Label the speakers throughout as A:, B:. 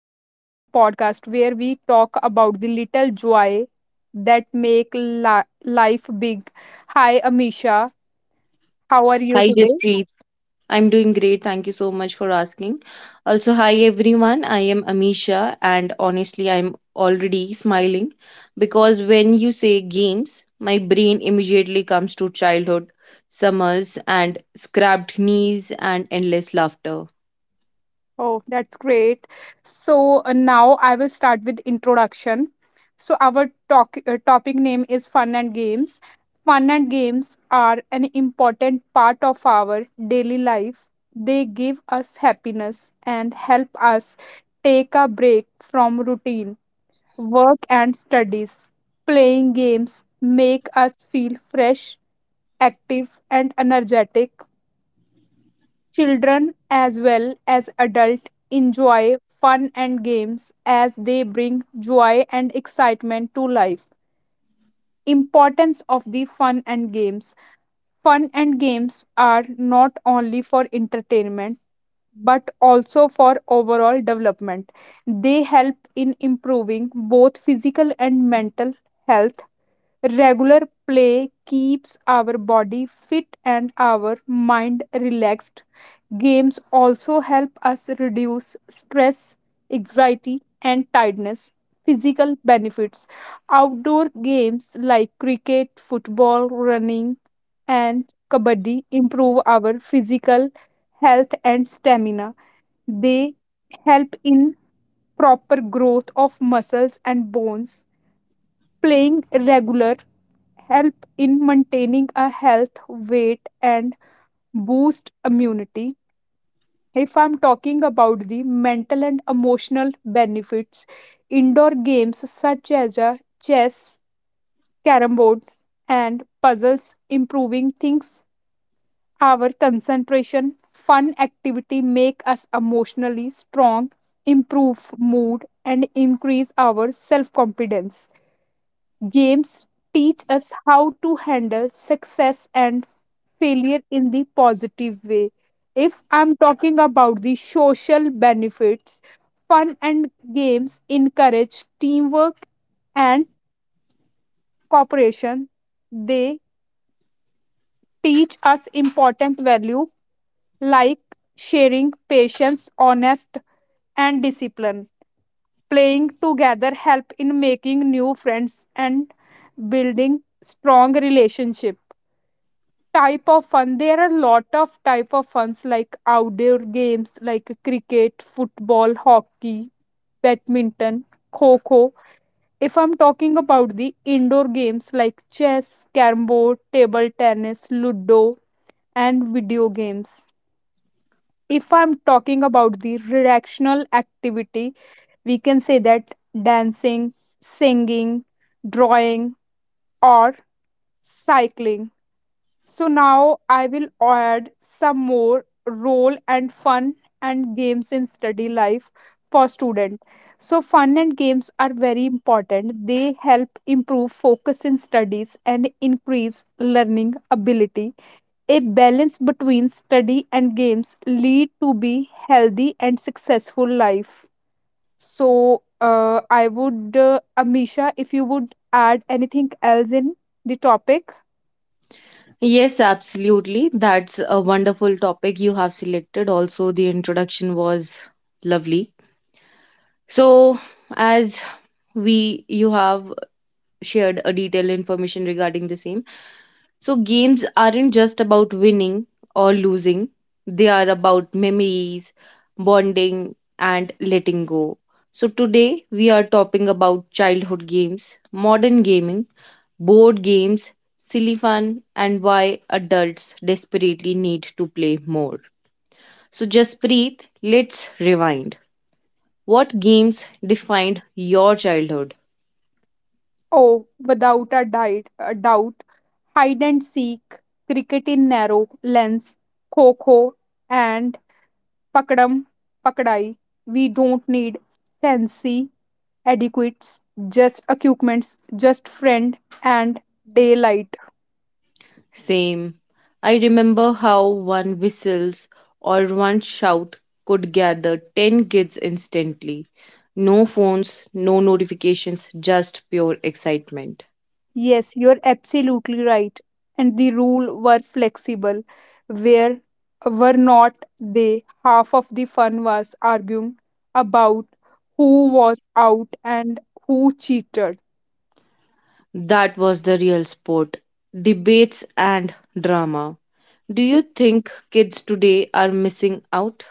A: Laugh and podcast where we talk about the little joy that make life big. Hi Amisha, how are you
B: Hi,
A: today?
B: Jaspreet. I'm doing great. Thank you so much for asking. Also, hi everyone. I am Amisha, and honestly, I'm already smiling because when you say games, my brain immediately comes to childhood, summers, and scrapped knees and endless laughter.
A: Oh, that's great. Now I will start with introduction. So our talk, topic name is fun and games. Fun and games are an important part of our daily life. They give us happiness and help us take a break from routine work and studies. Playing games make us feel fresh, active, and energetic. Children as well as adult enjoy fun and games as they bring joy and excitement to life. Importance of the fun and games. Fun and games are not only for entertainment but also for overall development. They help in improving both physical and mental health. Regular play keeps our body fit and our mind relaxed. Games also help us reduce stress, anxiety, and tiredness. Physical benefits. Outdoor games like cricket, football, running, and kabaddi improve our physical health and stamina. They help in proper growth of muscles and bones. Playing regular help in maintaining a health, weight, and boost immunity. If I'm talking about the mental and emotional benefits, indoor games such as chess, carom board, and puzzles improving things our concentration fun activity make us emotionally strong improve mood and increase our self confidence. Games teach us how to handle success and failure in the positive way. If I'm talking about the social benefits, fun and games encourage teamwork and cooperation. They teach us important value like sharing, patience, honest and discipline. Playing together help in making new friends and building strong relationship. Type of fun, there are lot of type of funs like outdoor games like cricket, football, hockey, badminton, kho. If I'm talking about the indoor games like chess, carom board, table tennis, ludo, and video games. If I'm talking about the recreational activity, we can say that dancing, singing, drawing, or cycling. So now I will add some more role and fun and games in study life for student. So fun and games are very important. They help improve focus in studies and increase learning ability. A balance between study and games lead to be healthy and successful life. I would, Amisha, if you would add anything else in the topic.
B: Yes, absolutely. That's a wonderful topic you have selected. Also, the introduction was lovely. So, as we you have shared a detailed information regarding the same. So games aren't just about winning or losing. They are about memories, bonding and letting go. So today we are talking about childhood games, modern gaming, board games, silly fun and why adults desperately need to play more. So just breathe, let's rewind. What games defined your childhood?
A: Oh, without a diet, a doubt, hide and seek, cricket in narrow lens, kho and pakadam pakadai. We don't need fancy adequates, just equipments, just friend and daylight.
B: Same. I remember how one whistles or one shout could gather 10 kids instantly. No phones, no notifications, just pure excitement.
A: Yes, you're absolutely right. And the rule were flexible, where were not they half of the fun was arguing about who was out and who cheated.
B: That was the real sport. Debates and drama. Do you think kids today are missing out?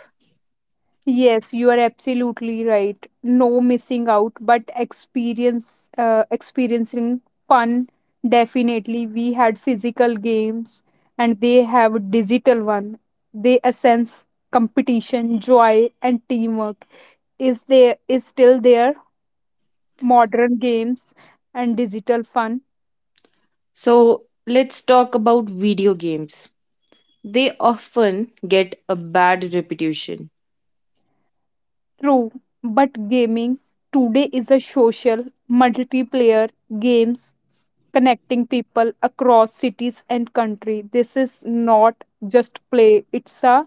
A: Yes, you are absolutely right. No missing out, but experience experiencing fun. Definitely, we had physical games and they have digital one. They sense competition, joy, and teamwork. Is there is still there modern games and digital fun.
B: So, let's talk about video games. They often get a bad reputation.
A: True, but gaming today is a social multiplayer games connecting people across cities and country. This is not just play, it's a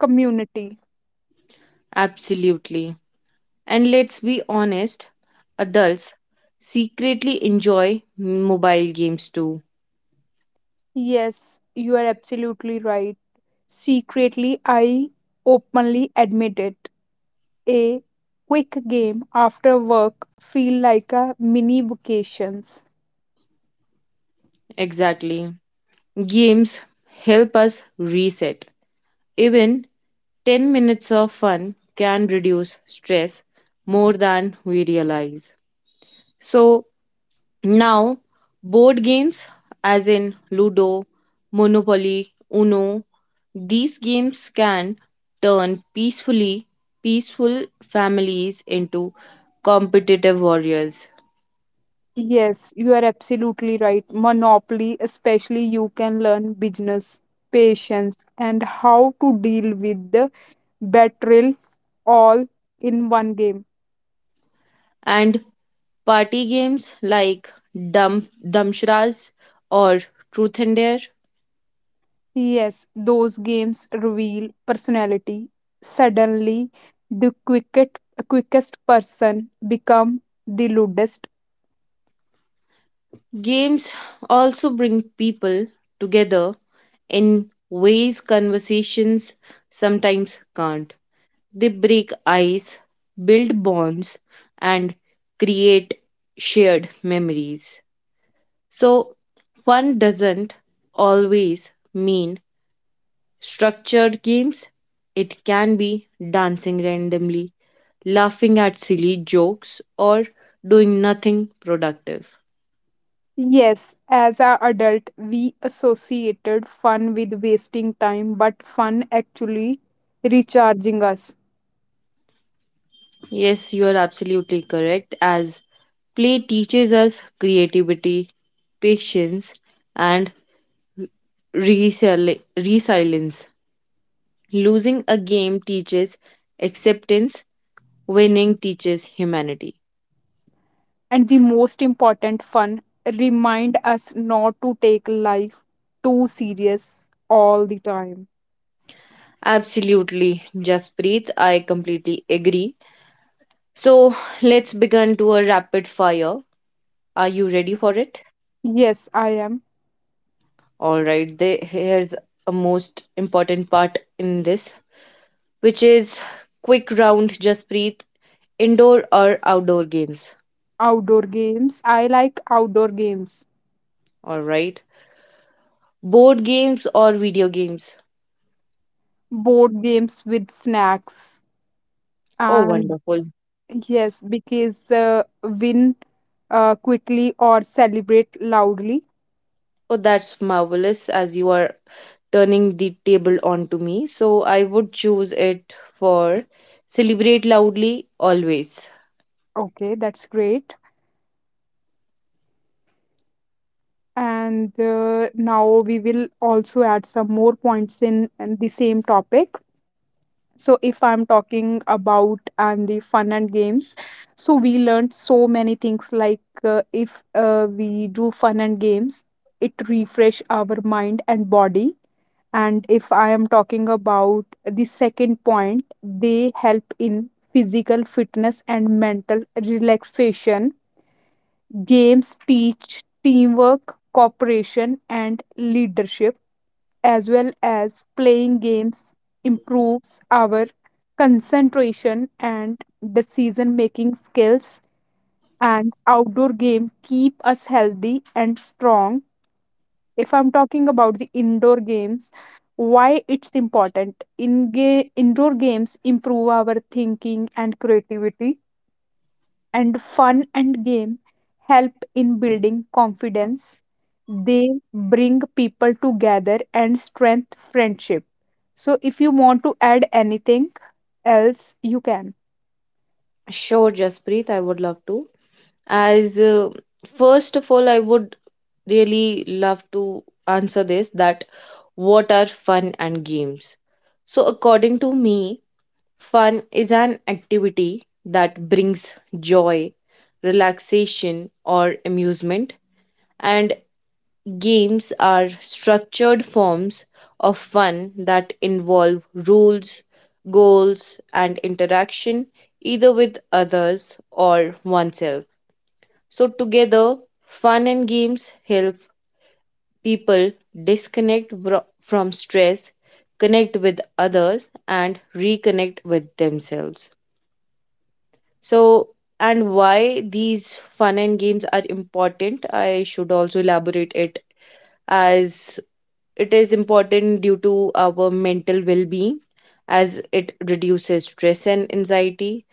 A: community.
B: Absolutely. And let's be honest, adults secretly enjoy mobile games too.
A: Yes, you are absolutely right. Secretly I openly admit it, a quick game after work feel like a mini vacations.
B: Exactly. Games help us reset. Even 10 minutes of fun can reduce stress more than we realize. So, now, board games as in Ludo, Monopoly, Uno, these games can turn peaceful families into competitive warriors.
A: Yes, you are absolutely right. Monopoly, especially, you can learn business, patience, and how to deal with the betrayal all in one game.
B: And party games like Dump Dumpstras or Truth and Dare.
A: Yes, those games reveal personality. Suddenly, the quickest person become the lewdest.
B: Games also bring people together in ways conversations sometimes can't. They break ice, build bonds, and create shared memories. So, fun doesn't always mean structured games, it can be dancing randomly, laughing at silly jokes, or doing nothing productive.
A: Yes, as an adult, we associated fun with wasting time, but fun actually recharging us.
B: Yes, you are absolutely correct, as play teaches us creativity, patience, and resilience. Losing a game teaches acceptance, winning teaches humanity.
A: And the most important fun remind us not to take life too serious all the time.
B: Absolutely, Jaspreet, I completely agree. So let's begin to a rapid fire. Are you ready for it?
A: Yes, I am.
B: All right, here's a most important part in this, which is quick round. Jaspreet, indoor or outdoor games.
A: Outdoor games, I like outdoor games.
B: All right, board games or video games.
A: Board games with snacks
B: Oh,
A: and
B: wonderful.
A: yes, because win, quickly or celebrate loudly.
B: Oh, that's marvelous as you are turning the table onto me. So I would choose it for celebrate loudly always.
A: Okay, that's great. And now we will also add some more points in the same topic. So if I'm talking about and the fun and games, so we learned so many things like, if we do fun and games, it refresh our mind and body. And if I am talking about the second point, they help in physical fitness and mental relaxation. Games teach teamwork, cooperation, and leadership. As well as playing games improves our concentration and decision making skills. And outdoor game keep us healthy and strong. If I'm talking about the indoor games, why it's important in indoor games improve our thinking and creativity. And fun and game help in building confidence. They bring people together and strength friendship. So if you want to add anything else, you can.
B: Sure, Jaspreet, I would love to. As First of all, I would really love to answer this that what are fun and games? So, according to me, fun is an activity that brings joy, relaxation, or amusement. And games are structured forms of fun that involve rules, goals, and interaction either with others or oneself. So, together, fun and games help people disconnect from stress, connect with others, and reconnect with themselves. So, and why these fun and games are important, I should also elaborate it as it is important due to our mental well being, as it reduces stress and anxiety,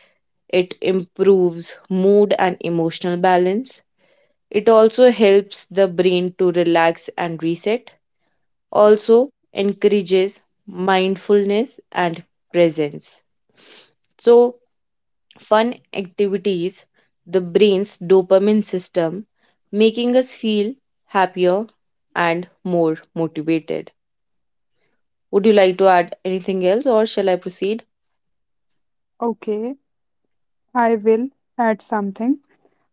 B: it improves mood and emotional balance. It also helps the brain to relax and reset, also encourages mindfulness and presence. So, fun activities the brain's dopamine system, making us feel happier and more motivated. Would you like to add anything else or shall I proceed?
A: Okay, I will add something.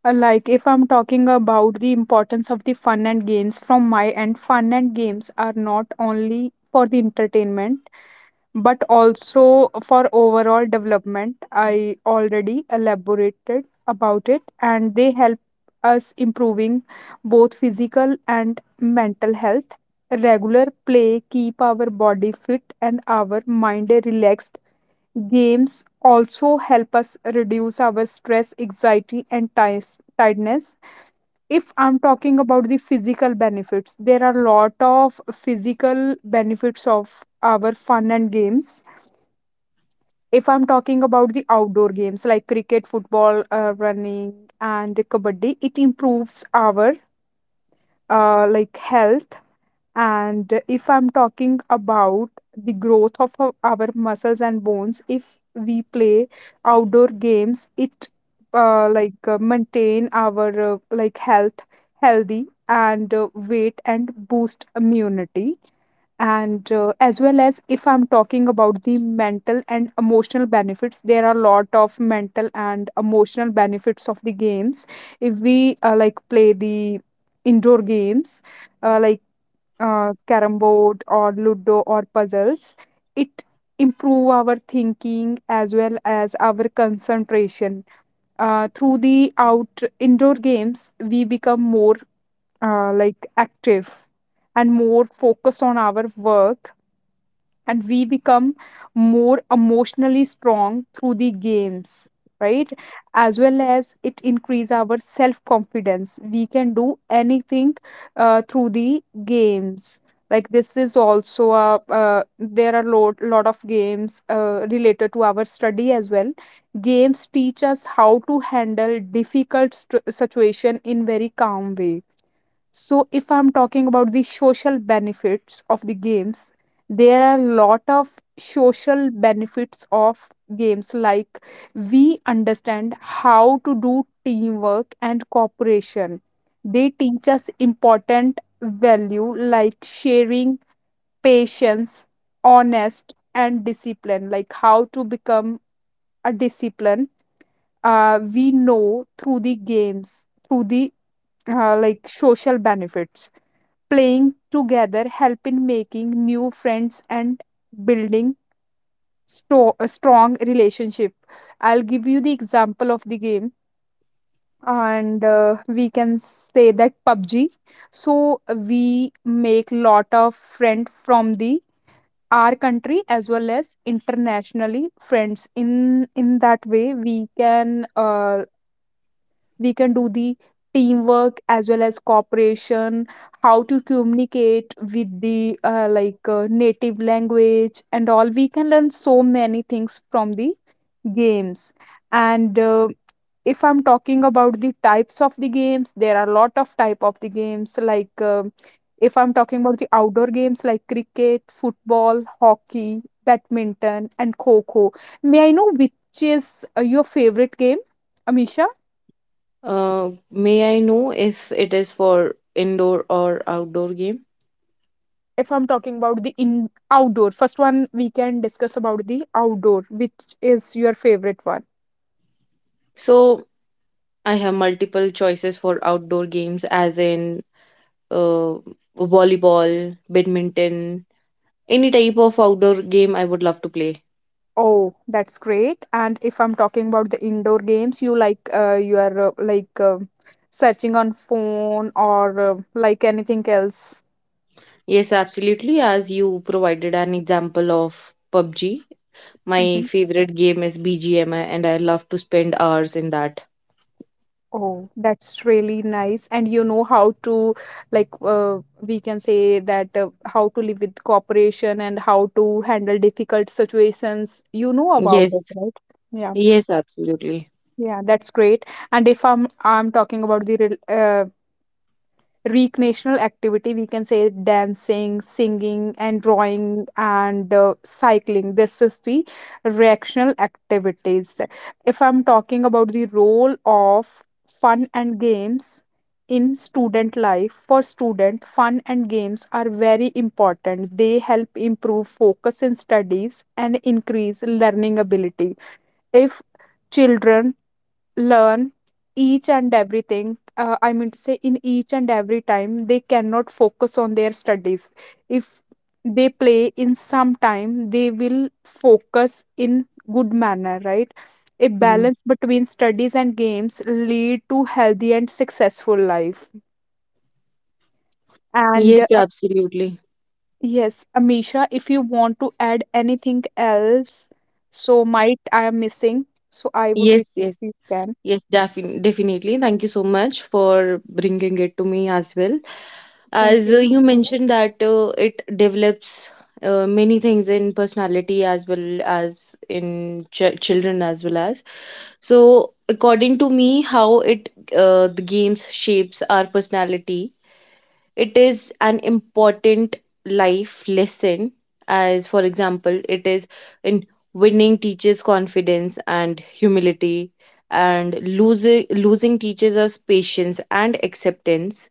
A: Like if I'm talking about the importance of the fun and games from my end, fun and games are not only for the entertainment but also for overall development. I already elaborated about it and they help us improving both physical and mental health. Regular play keep our body fit and our mind relaxed. Games also help us reduce our stress, anxiety and tiredness. If I'm talking about the physical benefits, there are a lot of physical benefits of our fun and games. If I'm talking about the outdoor games like cricket, football, running, and the kabaddi, it improves our like health. And if I'm talking about the growth of our muscles and bones, if we play outdoor games, it like maintain our like healthy and weight and boost immunity. And as well as if I'm talking about the mental and emotional benefits, there are a lot of mental and emotional benefits of the games. If we like play the indoor games, like carom board or ludo or puzzles, it improve our thinking as well as our concentration. Through the out indoor games we become more like active and more focused on our work and we become more emotionally strong through the games, right? As well as it increase our self confidence, we can do anything through the games. Like this is also a, there are lot of games related to our study as well. Games teach us how to handle difficult situation in very calm way. So, if I'm talking about the social benefits of the games, there are a lot of social benefits of games like we understand how to do teamwork and cooperation. They teach us important value like sharing, patience, honest, and discipline, like how to become a discipline. We know through the games, through the like social benefits, playing together help in making new friends and building a strong relationship. I'll give you the example of the game, and we can say that PUBG. So we make lot of friend from the our country as well as internationally friends in that way we can, we can do the teamwork as well as cooperation, how to communicate with the like native language and all. We can learn so many things from the games. And if I'm talking about the types of the games, there are a lot of type of the games like, if I'm talking about the outdoor games like cricket, football, hockey, badminton, and kho kho. May I know which is your favorite game, Amisha?
B: May I know if it is for indoor or outdoor game?
A: If I'm talking about the in outdoor first one, we can discuss about the outdoor, which is your favorite one.
B: So I have multiple choices for outdoor games, as in uh, volleyball, badminton, any type of outdoor game I would love to play.
A: Oh, that's great. And if I'm talking about the indoor games, you like, you are like searching on phone or like anything else.
B: Yes, absolutely. As you provided an example of PUBG, my
A: Mhm.
B: favorite game is BGMI, and I love to spend hours in that.
A: Oh, that's really nice. And you know how to like, uh, we can say that, how to live with cooperation and how to handle difficult situations, you know about
B: Yes,
A: it, right? Yeah.
B: yes, absolutely.
A: Yeah, that's great. And if I'm talking about the recreational activity, we can say dancing, singing, and drawing and cycling. This is the recreational activities. If I'm talking about the role of fun and games in student life, for student, fun and games are very important. They help improve focus in studies and increase learning ability. If children learn each and everything, I mean to say in each and every time they cannot focus on their studies. If they play in some time, they will focus in good manner, right? A
B: Mhm.
A: balance between studies and games lead to healthy and successful life. And
B: Yes, absolutely.
A: yes, Amisha, if you want to add anything else, so might I am missing, so I would
B: Yes, yes,
A: you can.
B: yes, definitely. Thank you so much for bringing it to me as well.
A: Thank
B: As
A: you.
B: you mentioned that it develops many things in personality as well as in ch children as well as. So according to me, how it the games shapes our personality, it is an important life lesson. As for example, it is in winning teaches confidence and humility, and losing teaches us patience and acceptance.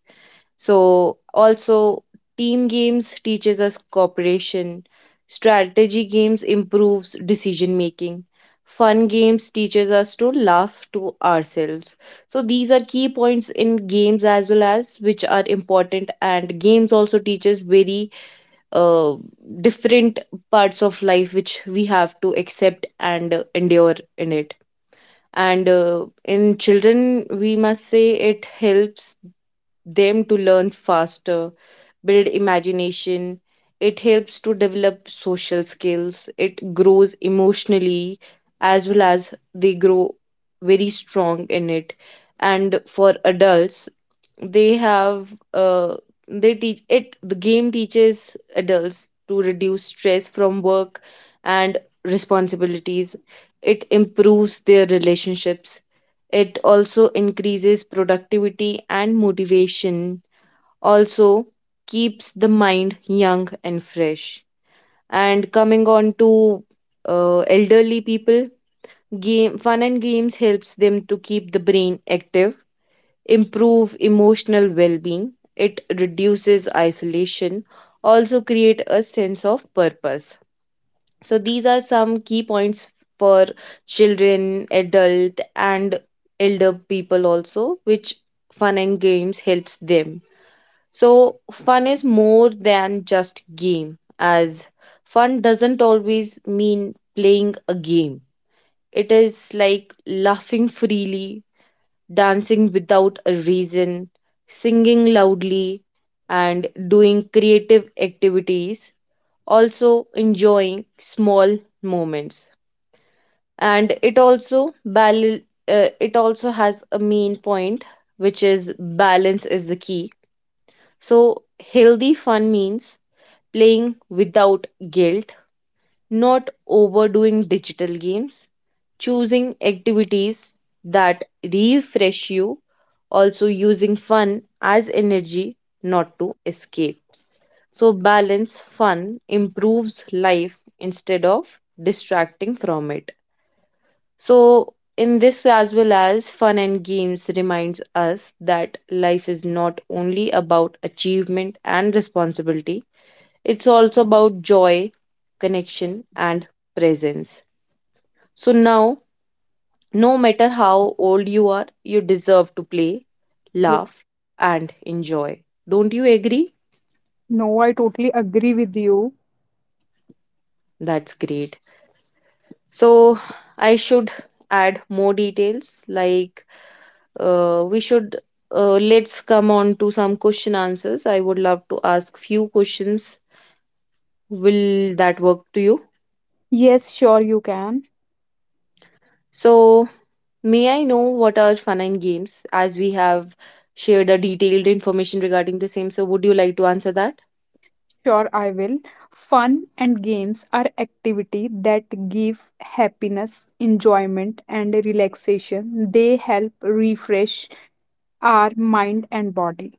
B: So also team games teaches us cooperation. Strategy games improves decision making. Fun games teaches us to laugh to ourselves. So these are key points in games as well as which are important, and games also teaches very uh, different parts of life which we have to accept and endure in it. And in children, we must say it helps them to learn faster, build imagination. It helps to develop social skills. It grows emotionally as well as they grow very strong in it. And for adults, they have uh, they teach it. The game teaches adults to reduce stress from work and responsibilities. It improves their relationships. It also increases productivity and motivation, also keeps the mind young and fresh. And coming on to elderly people, game fun and games helps them to keep the brain active, improve emotional well-being. It reduces isolation, also create a sense of purpose. So these are some key points for children, adult, and elder people also, which fun and games helps them. So, fun is more than just game, as fun doesn't always mean playing a game. It is like laughing freely, dancing without a reason, singing loudly, and doing creative activities, also enjoying small moments. And it also has a main point which is balance is the key. So, healthy fun means playing without guilt, not overdoing digital games, choosing activities that refresh you, also using fun as energy, not to escape. So, balance fun improves life instead of distracting from it. So, in this, as well as fun and games, reminds us that life is not only about achievement and responsibility, it's also about joy, connection, and presence. So now, no matter how old you are, you deserve to play,
A: Yes.
B: laugh, and enjoy. Don't you agree?
A: No, I totally agree with you.
B: That's great. So, I should add more details like we should let's come on to some question answers. I would love to ask few questions. Will that work to you?
A: Yes, sure you can.
B: So, may I know what are fun and games? As we have shared a detailed information regarding the same, so would you like to answer that?
A: Sure I will. Fun and games are activity that give happiness, enjoyment and relaxation. They help refresh our mind and body.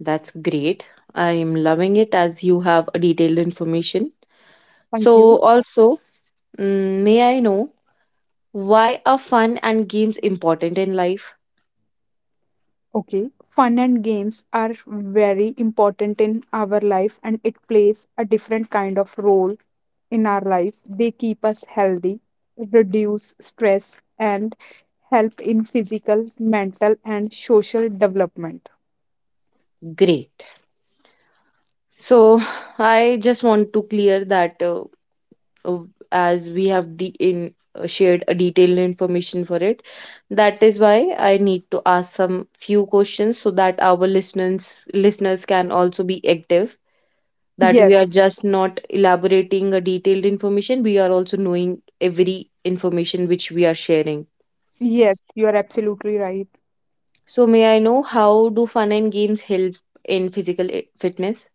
B: That's great. I am loving it as you have a detailed information.
A: Thank
B: So
A: you.
B: also, may I know why are fun and games important in life?
A: Okay, fun and games are very important in our life and it plays a different kind of role in our life. They keep us healthy, reduce stress, and help in physical, mental, and social development.
B: Great. So I just want to clear that uh, as we have de- in shared a detailed information for it, that is why I need to ask some few questions so that our listeners can also be active, that we
A: Yes,
B: are just not elaborating a detailed information, we are also knowing every information which we are sharing.
A: yes, you are absolutely right.
B: So may I know how do fun and games help in physical fitness?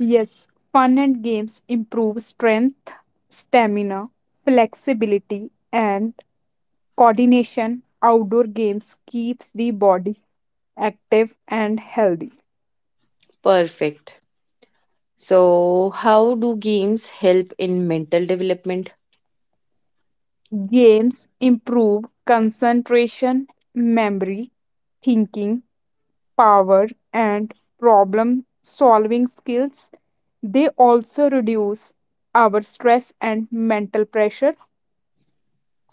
A: Yes, fun and games improve strength, stamina, flexibility, and coordination. Outdoor games keeps the body active, and healthy.
B: Perfect. So how do games help in mental development?
A: Games improve concentration, memory, thinking power, and problem solving skills. They also reduce our stress and mental pressure.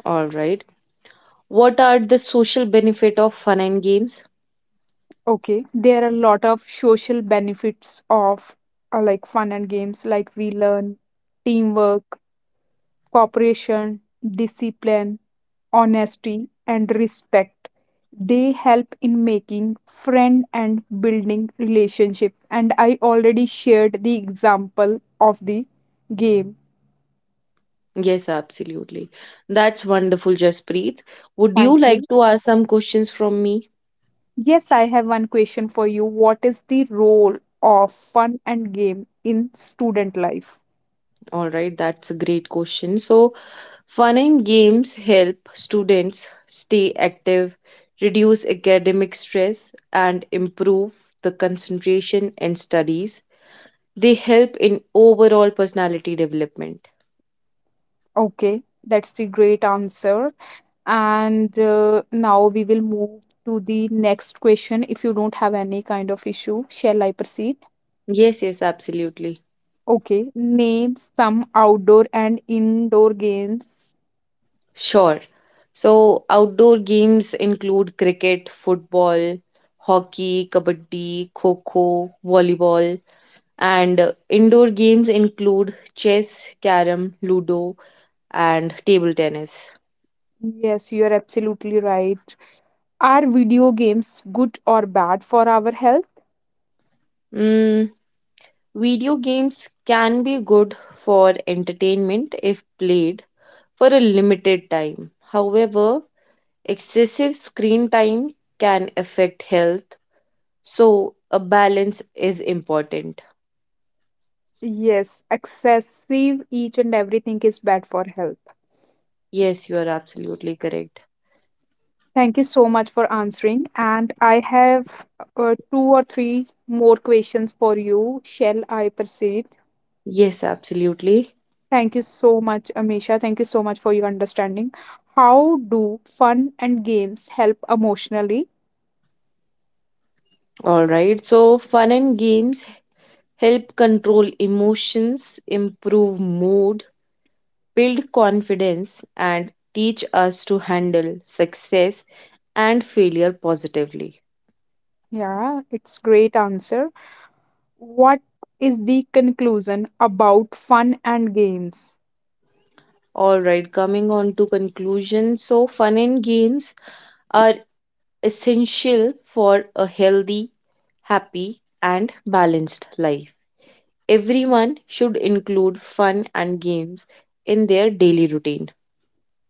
B: All right. What are the social benefit of fun and games?
A: Okay, there are a lot of social benefits of like fun and games, like we learn teamwork, cooperation, discipline, honesty, and respect. They help in making friend and building relationship. And I already shared the example of the game.
B: Yes, absolutely. That's wonderful, Jaspreet. Would
A: Thank
B: you
A: you.
B: like to ask some questions from me?
A: Yes, I have one question for you. What is the role of fun and game in student life?
B: All right, that's a great question. So, fun and games help students stay active, reduce academic stress, and improve the concentration and studies. They help in overall personality development.
A: Okay, that's the great answer. And now we will move to the next question. If you don't have any kind of issue, shall I proceed?
B: Yes, yes, absolutely.
A: Okay, name some outdoor and indoor games.
B: Sure. So, outdoor games include cricket, football, hockey, kabaddi, kho-kho, volleyball, and indoor games include chess, carom, ludo, and table tennis.
A: Yes, you are absolutely right. Are video games good or bad for our health?
B: Mm, Video games can be good for entertainment if played for a limited time. However, excessive screen time can affect health, so a balance is important.
A: Yes, excessive each and everything is bad for health.
B: Yes, you are absolutely correct.
A: Thank you so much for answering. And I have two or three more questions for you. Shall I proceed?
B: Yes, absolutely.
A: Thank you so much, Amisha. Thank you so much for your understanding. How do fun and games help emotionally?
B: All right. So, fun and games help control emotions, improve mood, build confidence, and teach us to handle success and failure positively.
A: Yeah, it's great answer. What is the conclusion about fun and games?
B: All right. Coming on to conclusion. So, fun and games are essential for a healthy, happy, and balanced life. Everyone should include fun and games in their daily routine.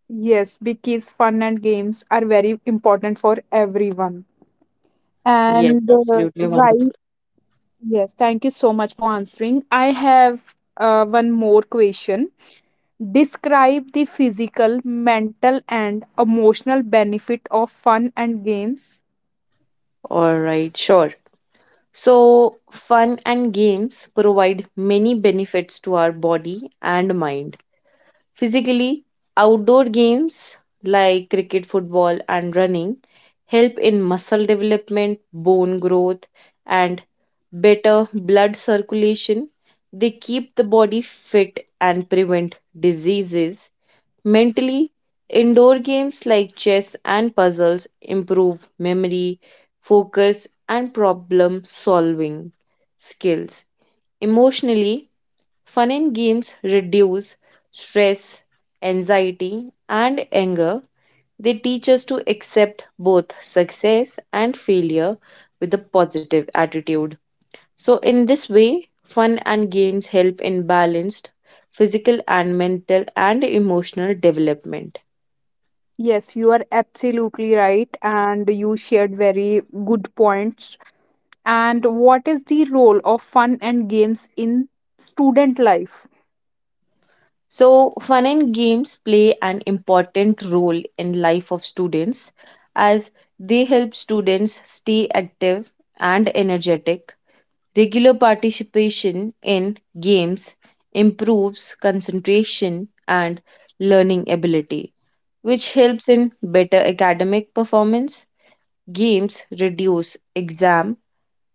A: Yes, because fun and games are very important for everyone.
B: Yes,
A: And
B: absolutely
A: right,
B: wonderful.
A: yes, thank you so much for answering. I have one more question. Describe the physical, mental, and emotional benefit of fun and games.
B: All right, sure. So, fun and games provide many benefits to our body and mind. Physically, outdoor games like cricket, football, and running help in muscle development, bone growth, and better blood circulation. They keep the body fit and prevent diseases. Mentally, indoor games like chess and puzzles improve memory, focus, and problem solving skills. Emotionally, fun and games reduce stress, anxiety, and anger. They teach us to accept both success and failure with a positive attitude. So, in this way, fun and games help in balanced physical and mental and emotional development.
A: Yes, you are absolutely right, and you shared very good points. And what is the role of fun and games in student life?
B: So, fun and games play an important role in life of students, as they help students stay active and energetic. Regular participation in games improves concentration and learning ability, which helps in better academic performance. Games reduce exam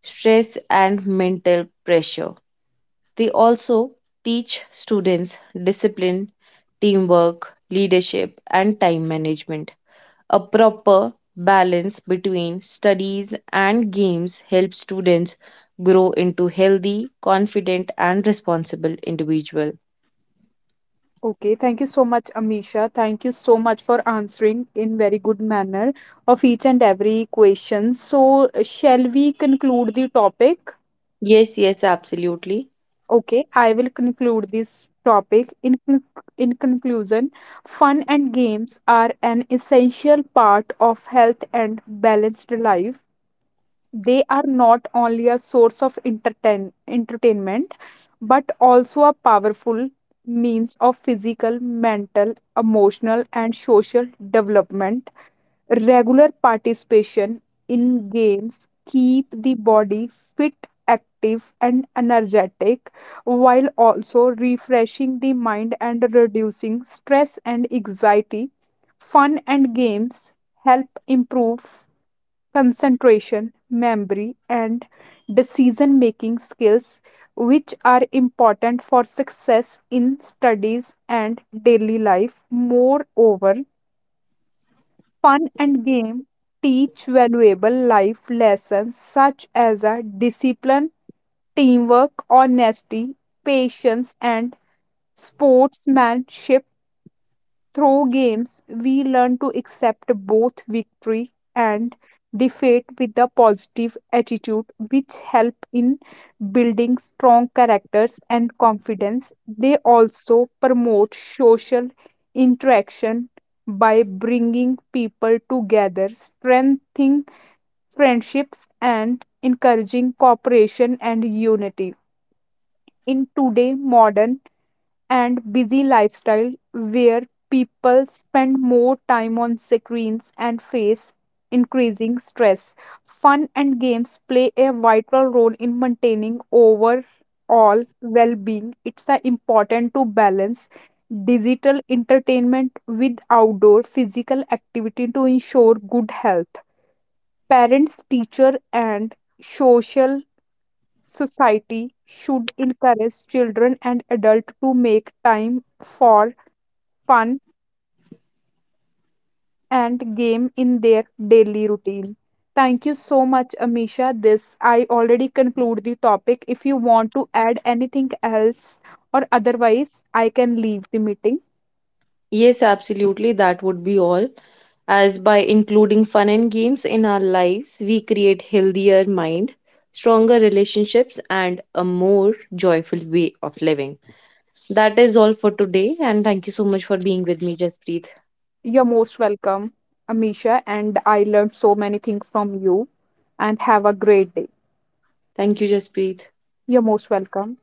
B: stress and mental pressure. They also teach students discipline, teamwork, leadership, and time management. A proper balance between studies and games helps students grow into healthy, confident, and responsible individual.
A: Okay, thank you so much, Amisha. Thank you so much for answering in very good manner of each and every question. So, shall we conclude the topic?
B: Yes, yes, absolutely.
A: Okay, I will conclude this topic. In conclusion, fun and games are an essential part of health and balanced life. They are not only a source of entertainment, but also a powerful means of physical, mental, emotional, and social development. Regular participation in games keep the body fit, active and energetic while also refreshing the mind and reducing stress and anxiety. Fun and games help improve concentration, memory and decision making skills which are important for success in studies and daily life. Moreover, fun and game teach valuable life lessons such as a discipline, teamwork, honesty, patience, and sportsmanship. Through games, we learn to accept both victory and defeat with a positive attitude, which help in building strong characters and confidence. They also promote social interaction by bringing people together, strengthening friendships, and encouraging cooperation and unity. In today's modern and busy lifestyle where people spend more time on screens and face increasing stress, fun and games play a vital role in maintaining overall well being. It's important to balance digital entertainment with outdoor physical activity to ensure good health. Parents, teacher, and social society should encourage children and adults to make time for fun and game in their daily routine. Thank you so much, Amisha. This I already conclude the topic. If you want to add anything else or otherwise, I can leave the meeting.
B: Yes, absolutely, that would be all. As by including fun and games in our lives, we create healthier mind, stronger relationships, and a more joyful way of living. That is all for today, and thank you so much for being with me, Jaspreet.
A: You're most welcome, Amisha, and I learned so many things from you. And have a great day.
B: Thank you, Jaspreet.
A: You're most welcome.